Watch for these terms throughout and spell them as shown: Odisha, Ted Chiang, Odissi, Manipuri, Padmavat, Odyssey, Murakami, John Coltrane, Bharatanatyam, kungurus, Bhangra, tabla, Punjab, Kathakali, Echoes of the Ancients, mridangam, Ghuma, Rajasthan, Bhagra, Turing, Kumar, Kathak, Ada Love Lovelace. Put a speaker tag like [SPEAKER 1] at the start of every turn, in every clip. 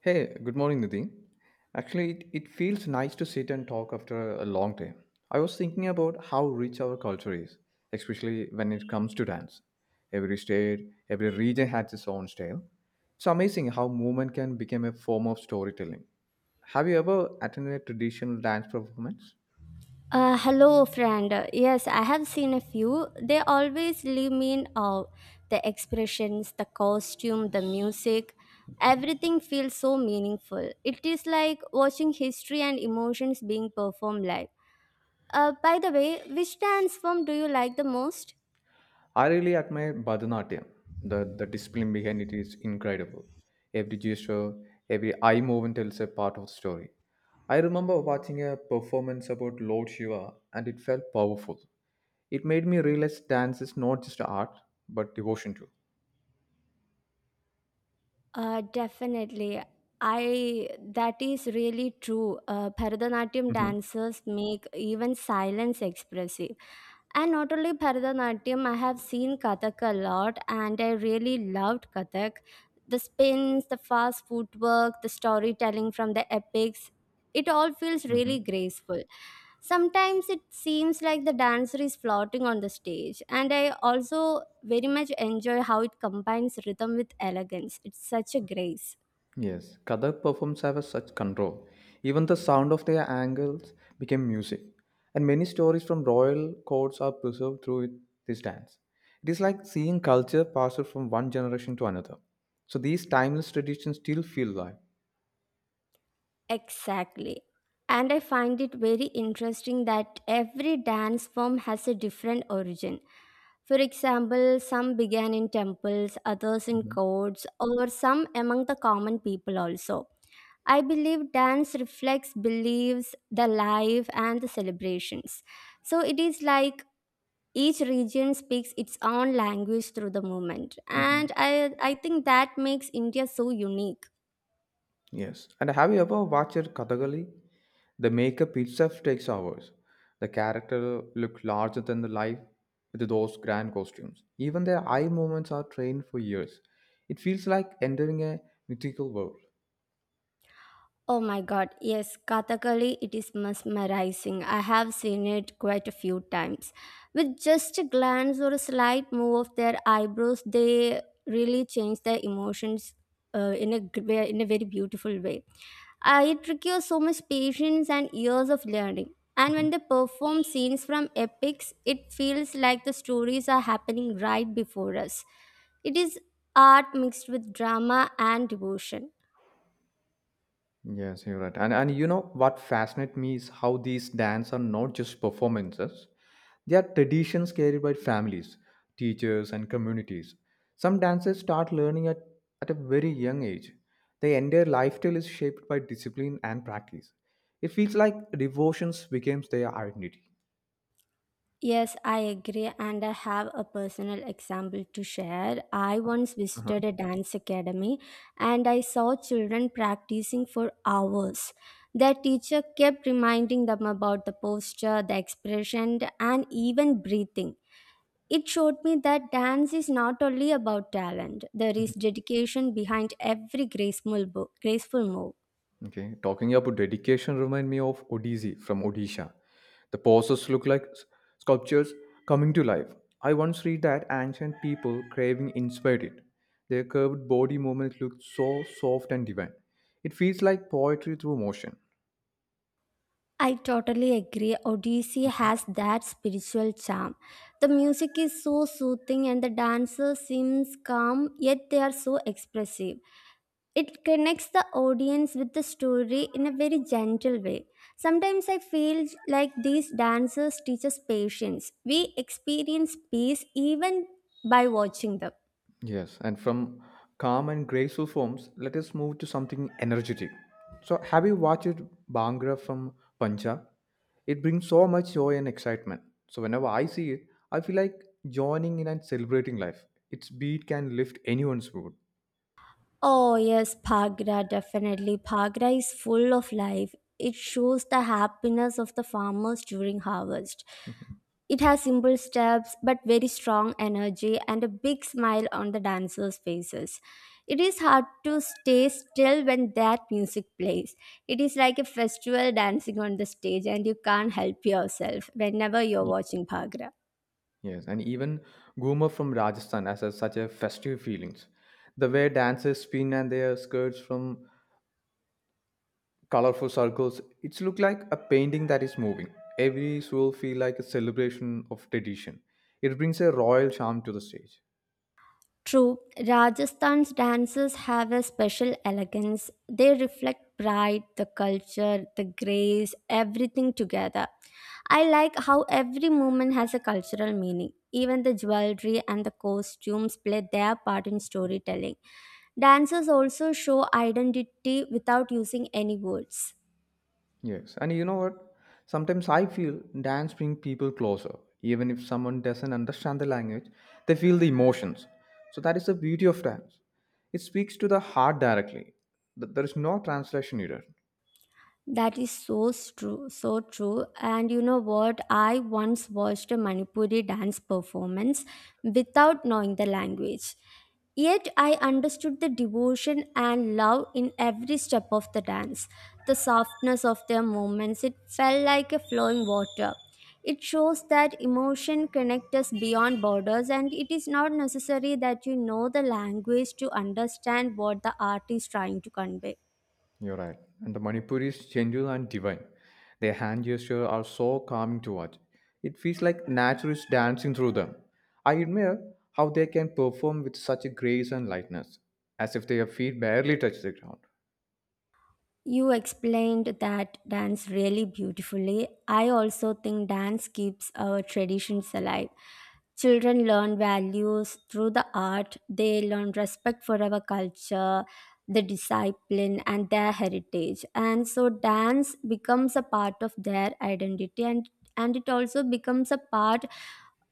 [SPEAKER 1] Hey, good morning, Nidhi. Actually, it feels nice to sit and talk after a long day. I was thinking about how rich our culture is, especially when it comes to dance. Every state, every region has its own style. It's amazing how movement can become a form of storytelling. Have you ever attended a traditional dance performance?
[SPEAKER 2] Hello, friend. Yes, I have seen a few. They always leave me in awe. The expressions, the costume, the music, everything feels so meaningful. It is like watching history and emotions being performed live. By the way, which dance form do you like the most?
[SPEAKER 1] I really admire Bharatanatyam. The discipline behind it is incredible. Every gesture, every eye movement tells a part of the story. I remember watching a performance about Lord Shiva and it felt powerful. It made me realize dance is not just art, but devotion too.
[SPEAKER 2] Definitely. I That is really true. Bharatanatyam
[SPEAKER 1] Mhm.
[SPEAKER 2] dancers make even silence expressive. And not only Bharatanatyam, I have seen Kathak a lot and I really loved Kathak. The spins, the fast footwork, the storytelling from the epics, it all feels really
[SPEAKER 1] Mhm.
[SPEAKER 2] graceful. Sometimes it seems like the dancer is floating on the stage, and I also very much enjoy how it combines rhythm with elegance. It's such a grace.
[SPEAKER 1] Yes, Kathak performs have such control. Even the sound of their angles became music, and many stories from royal courts are preserved through this dance. It is like seeing culture passed from one generation to another. So these timeless traditions still feel alive.
[SPEAKER 2] Exactly. And I find it very interesting that every dance form has a different origin. For example, some began in temples, others in
[SPEAKER 1] Mhm.
[SPEAKER 2] courts, or some among the common people also. I believe dance reflects beliefs, the life, and the celebrations. So it is like each region speaks its own language through the movement.
[SPEAKER 1] Mhm.
[SPEAKER 2] And I think that makes India so unique.
[SPEAKER 1] Yes. And have you ever watched Kathakali? The makeup itself takes hours. The character look larger than the life with those grand costumes. Even their eye movements are trained for years. It feels like entering a mythical world.
[SPEAKER 2] Oh my god, yes, Kathakali, it is mesmerizing. I have seen it quite a few times. With just a glance or a slight move of their eyebrows, they really change their emotions in a very beautiful way. It requires so much patience and years of learning. And
[SPEAKER 1] Mm-hmm.
[SPEAKER 2] when they perform scenes from epics, it feels like the stories are happening right before us. It is art mixed with drama and devotion.
[SPEAKER 1] Yes, you're right. And you know what fascinates me is how these dance are not just performances. They are traditions carried by families, teachers, and communities. Some dances start learning at a very young age. Their entire lifestyle is shaped by discipline and practice. It feels like devotions becomes their identity.
[SPEAKER 2] Yes, I agree, and I have a personal example to share. I once
[SPEAKER 1] Uh-huh.
[SPEAKER 2] visited a dance academy and I saw children practicing for hours. Their teacher kept reminding them about the posture, the expression, and even breathing. It showed me that dance is not only about talent, there is dedication behind every graceful move.
[SPEAKER 1] Okay, talking about dedication remind me of Odissi from Odisha. The poses look like sculptures coming to life. I once read that ancient people craving inspired it. Their curved body movements look so soft and divine. It feels like poetry through motion.
[SPEAKER 2] I totally agree. Odyssey has that spiritual charm. The music is so soothing and the dancer seems calm, yet they are so expressive. It connects the audience with the story in a very gentle way. Sometimes I feel like these dancers teach us patience. We experience peace even by watching them.
[SPEAKER 1] Yes, and from calm and graceful forms, let us move to something energetic. So, have you watched Bhangra from Punjab? It brings so much joy and excitement. So, whenever I see it, I feel like joining in and celebrating life. Its beat can lift anyone's mood.
[SPEAKER 2] Oh, yes, Bhagra, definitely. Bhagra is full of life. It shows the happiness of the farmers during harvest. It has simple steps but very strong energy and a big smile on the dancers' faces. It is hard to stay still when that music plays. It is like a festival dancing on the stage, and you can't help yourself whenever you're
[SPEAKER 1] Ye-
[SPEAKER 2] watching Bhagra.
[SPEAKER 1] Yes, and even Ghuma from Rajasthan has such a festive feelings. The way dancers spin and their skirts from colorful circles it's look like a painting that is moving every soul feel like a celebration of tradition it brings a royal charm to the stage
[SPEAKER 2] True, Rajasthan's dances have a special elegance. They reflect pride, the culture, the grace, everything together. I like how every movement has a cultural meaning. Even the jewelry and the costumes play their part in storytelling. Dancers also show identity without using any words.
[SPEAKER 1] yes and you know what sometimes I feel dance bring people closer even if someone doesn't understand the language they feel the emotions so that is the beauty of dance it speaks to the heart directly there is no translation needed.
[SPEAKER 2] That is so true, so true. And you know what? I once watched a Manipuri dance performance without knowing the language. Yet I understood the devotion and love in every step of the dance. The softness of their movements, it felt like a flowing water. It shows that emotion connects us beyond borders, and it is not necessary that you know the language to understand what the art is trying to convey.
[SPEAKER 1] You're right. And the Manipuri's gentle and divine. Their hand gestures are so calming to watch. It feels like nature is dancing through them. I admire how they can perform with such a grace and lightness, as if their feet barely touch the ground.
[SPEAKER 2] You explained that dance really beautifully. I also think dance keeps our traditions alive. Children learn values through the art, they learn respect for our culture, the discipline, and their heritage. And so, dance becomes a part of their identity, and it also becomes a part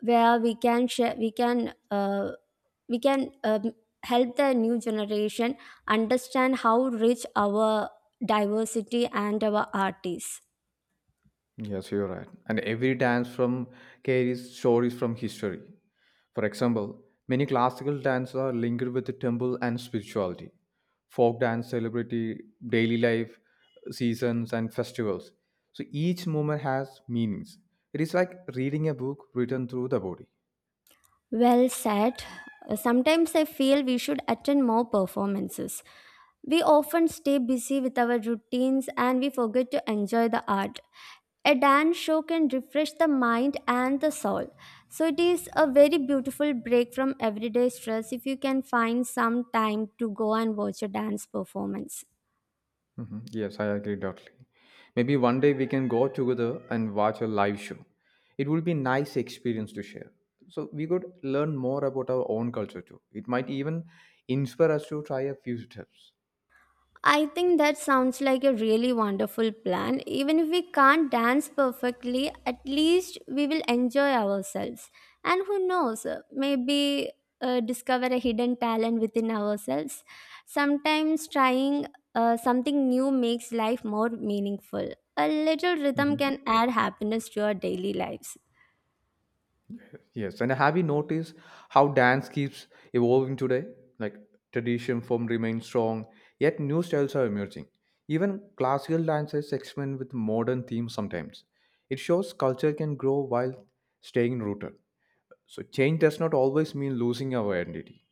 [SPEAKER 2] where we can share, we can help the new generation understand how rich our diversity and our art is.
[SPEAKER 1] Yes, you're right. And every dance from carries stories from history. For example, many classical dances are linked with the temple and spirituality. Folk dance celebrity daily life, seasons and festivals. So each movement has meanings. It is like reading a book written through the body.
[SPEAKER 2] Well said. Sometimes I feel we should attend more performances. We often stay busy with our routines and we forget to enjoy the art. A dance show can refresh the mind and the soul. So it is a very beautiful break from everyday stress if you can find some time to go and watch a dance performance.
[SPEAKER 1] Hmm. Yes, I agree totally. Maybe one day we can go together and watch a live show. It will be nice experience to share. So we could learn more about our own culture too. It might even inspire us to try a few steps.
[SPEAKER 2] I think that sounds like a really wonderful plan. Even if we can't dance perfectly, at least we will enjoy ourselves. And who knows, maybe discover a hidden talent within ourselves. Sometimes trying something new makes life more meaningful. A little rhythm
[SPEAKER 1] Hmm.
[SPEAKER 2] can add happiness to our daily lives.
[SPEAKER 1] Yes, and have you noticed how dance keeps evolving today? Like tradition form remains strong, yet new styles are emerging. Even classical dances experiment with modern themes sometimes. It shows culture can grow while staying rooted. So change does not always mean losing our identity.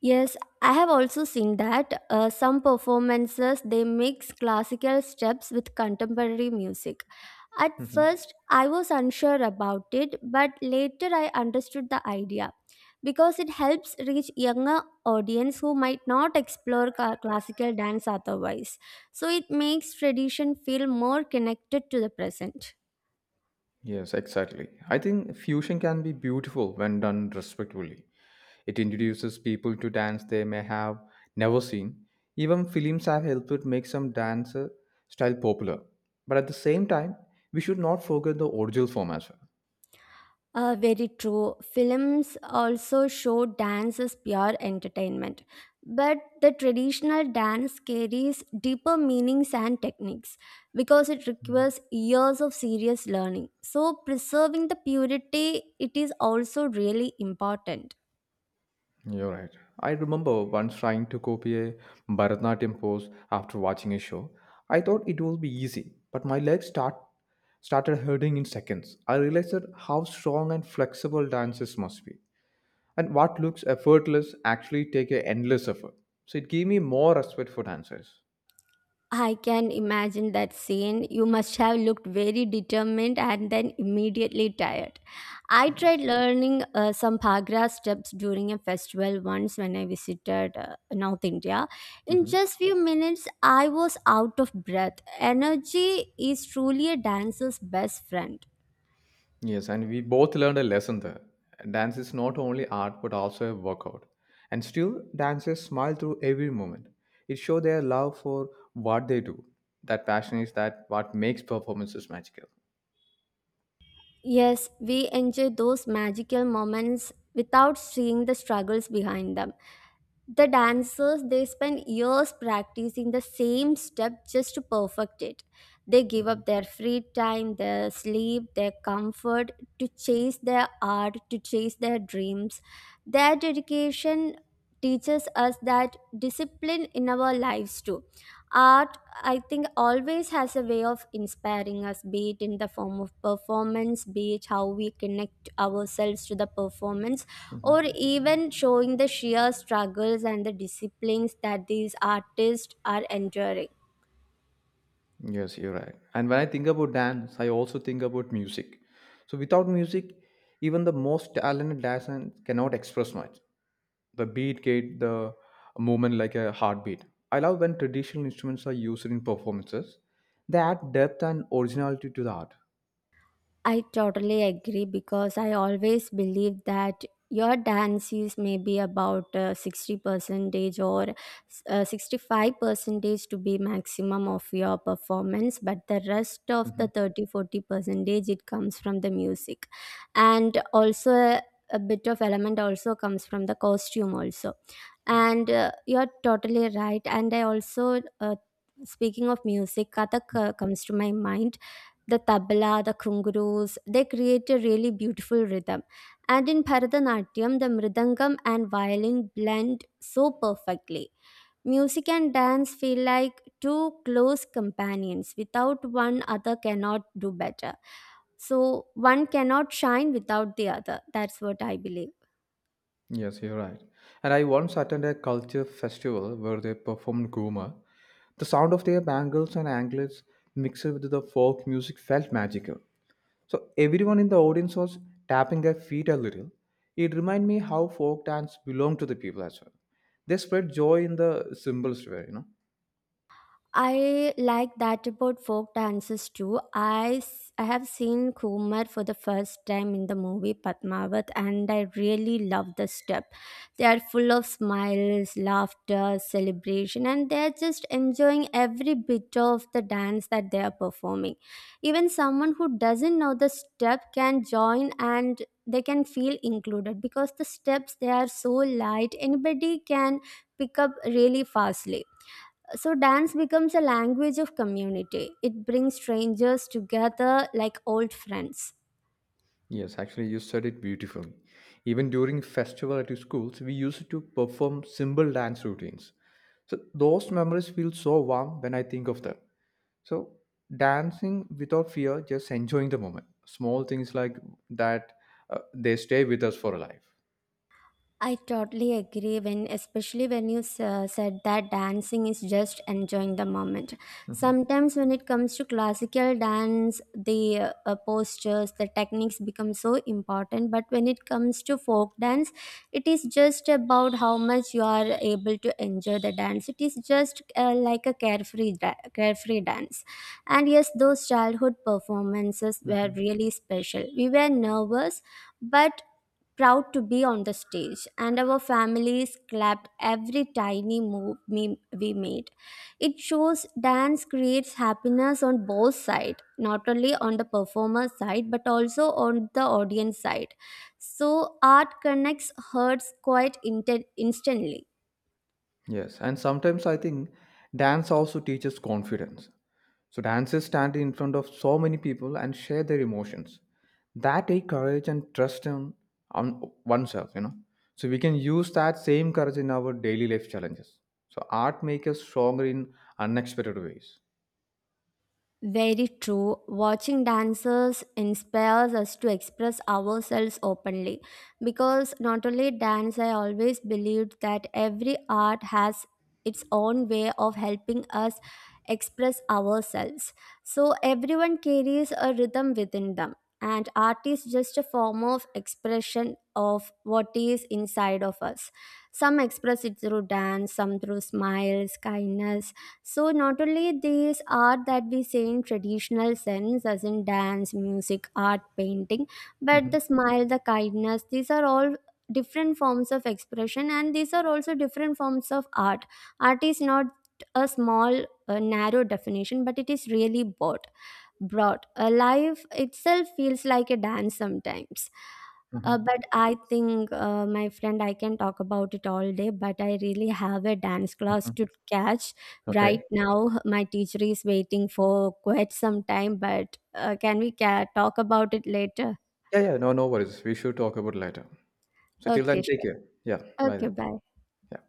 [SPEAKER 2] Yes, I have also seen that some performances they mix classical steps with contemporary music. At
[SPEAKER 1] Mhm.
[SPEAKER 2] first, I was unsure about it, but later I understood the idea because it helps reach younger audience who might not explore classical dance otherwise. So it makes tradition feel more connected to the present.
[SPEAKER 1] Yes, exactly. I think fusion can be beautiful when done respectfully. It introduces people to dance they may have never seen. Even films have helped make some dance style popular. But at the same time, we should not forget the original form as
[SPEAKER 2] Very true. Films also show dance as pure entertainment. But the traditional dance carries deeper meanings and techniques because it
[SPEAKER 1] well.
[SPEAKER 2] requires years of serious learning. So, preserving the purity, it is also really important.
[SPEAKER 1] You're right. I remember once trying to copy a Bharatanatyam pose after watching a show. I thought it would be easy, but my legs started hurting in seconds. I realized that how strong and flexible dances must be, and what looks effortless actually take an endless effort. So it gave me more respect for dancers.
[SPEAKER 2] I can imagine that scene. You must have looked very determined and then immediately tired. I tried
[SPEAKER 1] Yes.
[SPEAKER 2] learning some Bhagra steps during a festival once when I visited North India. In
[SPEAKER 1] Mhm.
[SPEAKER 2] just few minutes, I was out of breath. Energy is truly a dancer's best friend.
[SPEAKER 1] Yes, and we both learned a lesson there. Dance is not only art but also a workout. And still, dancers smile through every moment. It shows their love for what they do. That passion is that what makes performances magical.
[SPEAKER 2] Yes, we enjoy those magical moments without seeing the struggles behind them. The dancers they spend years practicing the same step just to perfect it. They give
[SPEAKER 1] Mhm.
[SPEAKER 2] up their free time, their sleep, their comfort to chase their art, to chase their dreams. Their dedication teaches us that discipline in our lives too. Art I think always has a way of inspiring us, be it in the form of performance, be it how we connect ourselves to the performance, or
[SPEAKER 1] Mhm.
[SPEAKER 2] even showing the sheer struggles and the disciplines that these artists are enduring.
[SPEAKER 1] Yes, you're right. And when I think about dance, I also think about music. So without music, even the most talented dancer cannot express much. The beat gave the movement like a heartbeat. I love when traditional instruments are used in performances. They add depth and originality to the art.
[SPEAKER 2] I totally agree because I always believe that your dance is maybe about 60 percentage or 65 percentage to be maximum of your performance, but the rest of
[SPEAKER 1] Hmm.
[SPEAKER 2] the 30 40 percentage, it comes from the music. And also a bit of element also comes from the costume also. And you're totally right. And I also, speaking of music, Kathak comes to my mind. The tabla, the kungurus, they create a really beautiful rhythm. And in Bharatanatyam, the mridangam and violin blend so perfectly. Music and dance feel like two close companions. Without one, other cannot do better. So one cannot shine without the other. That's what I believe.
[SPEAKER 1] Yes, you're right. And I once attended a culture festival where they performed Guma. The sound of their bangles and anklets mixed with the folk music felt magical. So everyone in the audience was tapping their feet a little. It reminded me how folk dance belonged to the people as well. They spread joy in the simplest way, you know.
[SPEAKER 2] I like that about folk dances too. I have seen Kumar for the first time in the movie Padmavat and I really love the step. They are full of smiles, laughter, celebration and they are just enjoying every bit of the dance that they are performing. Even someone who doesn't know the step can join and they can feel included because the steps they are so light anybody can pick up really fastly, so dance becomes a language of community. It brings strangers together like old friends.
[SPEAKER 1] Yes, actually, you said it beautifully. Even during festival at schools, we used to perform simple dance routines. So those memories feel so warm when I think of them. So dancing without fear, just enjoying the moment. Small things like that, they stay with us for life.
[SPEAKER 2] I totally agree, when especially when you said that dancing is just enjoying the moment.
[SPEAKER 1] Mhm,
[SPEAKER 2] Sometimes when it comes to classical dance, the postures, the techniques become so important. But when it comes to folk dance, it is just about how much you are able to enjoy the dance. It is just like a carefree dance. And yes, those childhood performances were
[SPEAKER 1] mhm.
[SPEAKER 2] really special. We were nervous but proud to be on the stage, and our families clapped every tiny move we made. It shows dance creates happiness on both sides, not only on the performer side but also on the audience side. So art connects hearts quite instantly.
[SPEAKER 1] Yes, and sometimes I think dance also teaches confidence. So dancers stand in front of so many people and share their emotions. That take courage and trust in on oneself, you know. So we can use that same courage in our daily life challenges. So art makes us stronger in unexpected ways.
[SPEAKER 2] Very true. Watching dancers inspires us to express ourselves openly. Because not only dance, I always believed that every art has its own way of helping us express ourselves. So everyone carries a rhythm within them, and art is just a form of expression of what is inside of us. Some express it through dance, some through smiles, kindness, so not only these art that we say in traditional sense, as in dance, music, art, painting, but
[SPEAKER 1] Hmm.
[SPEAKER 2] the smile, the kindness, these are all different forms of expression and these are also different forms of art. Art is not a small, narrow definition, but it is really broad brought. Life itself feels like a dance sometimes. But
[SPEAKER 1] Hmm.
[SPEAKER 2] I think, my friend, I can talk about it all day, but I really have a dance class
[SPEAKER 1] Hmm.
[SPEAKER 2] to catch.
[SPEAKER 1] Okay.
[SPEAKER 2] Right now, my teacher is waiting for quite some time, but can we talk about it later?
[SPEAKER 1] Yeah, yeah. No, no worries. We should talk about later. So till
[SPEAKER 2] Okay,
[SPEAKER 1] then, take care.
[SPEAKER 2] sure.
[SPEAKER 1] Yeah. Bye
[SPEAKER 2] Okay,
[SPEAKER 1] then.
[SPEAKER 2] bye.
[SPEAKER 1] Yeah.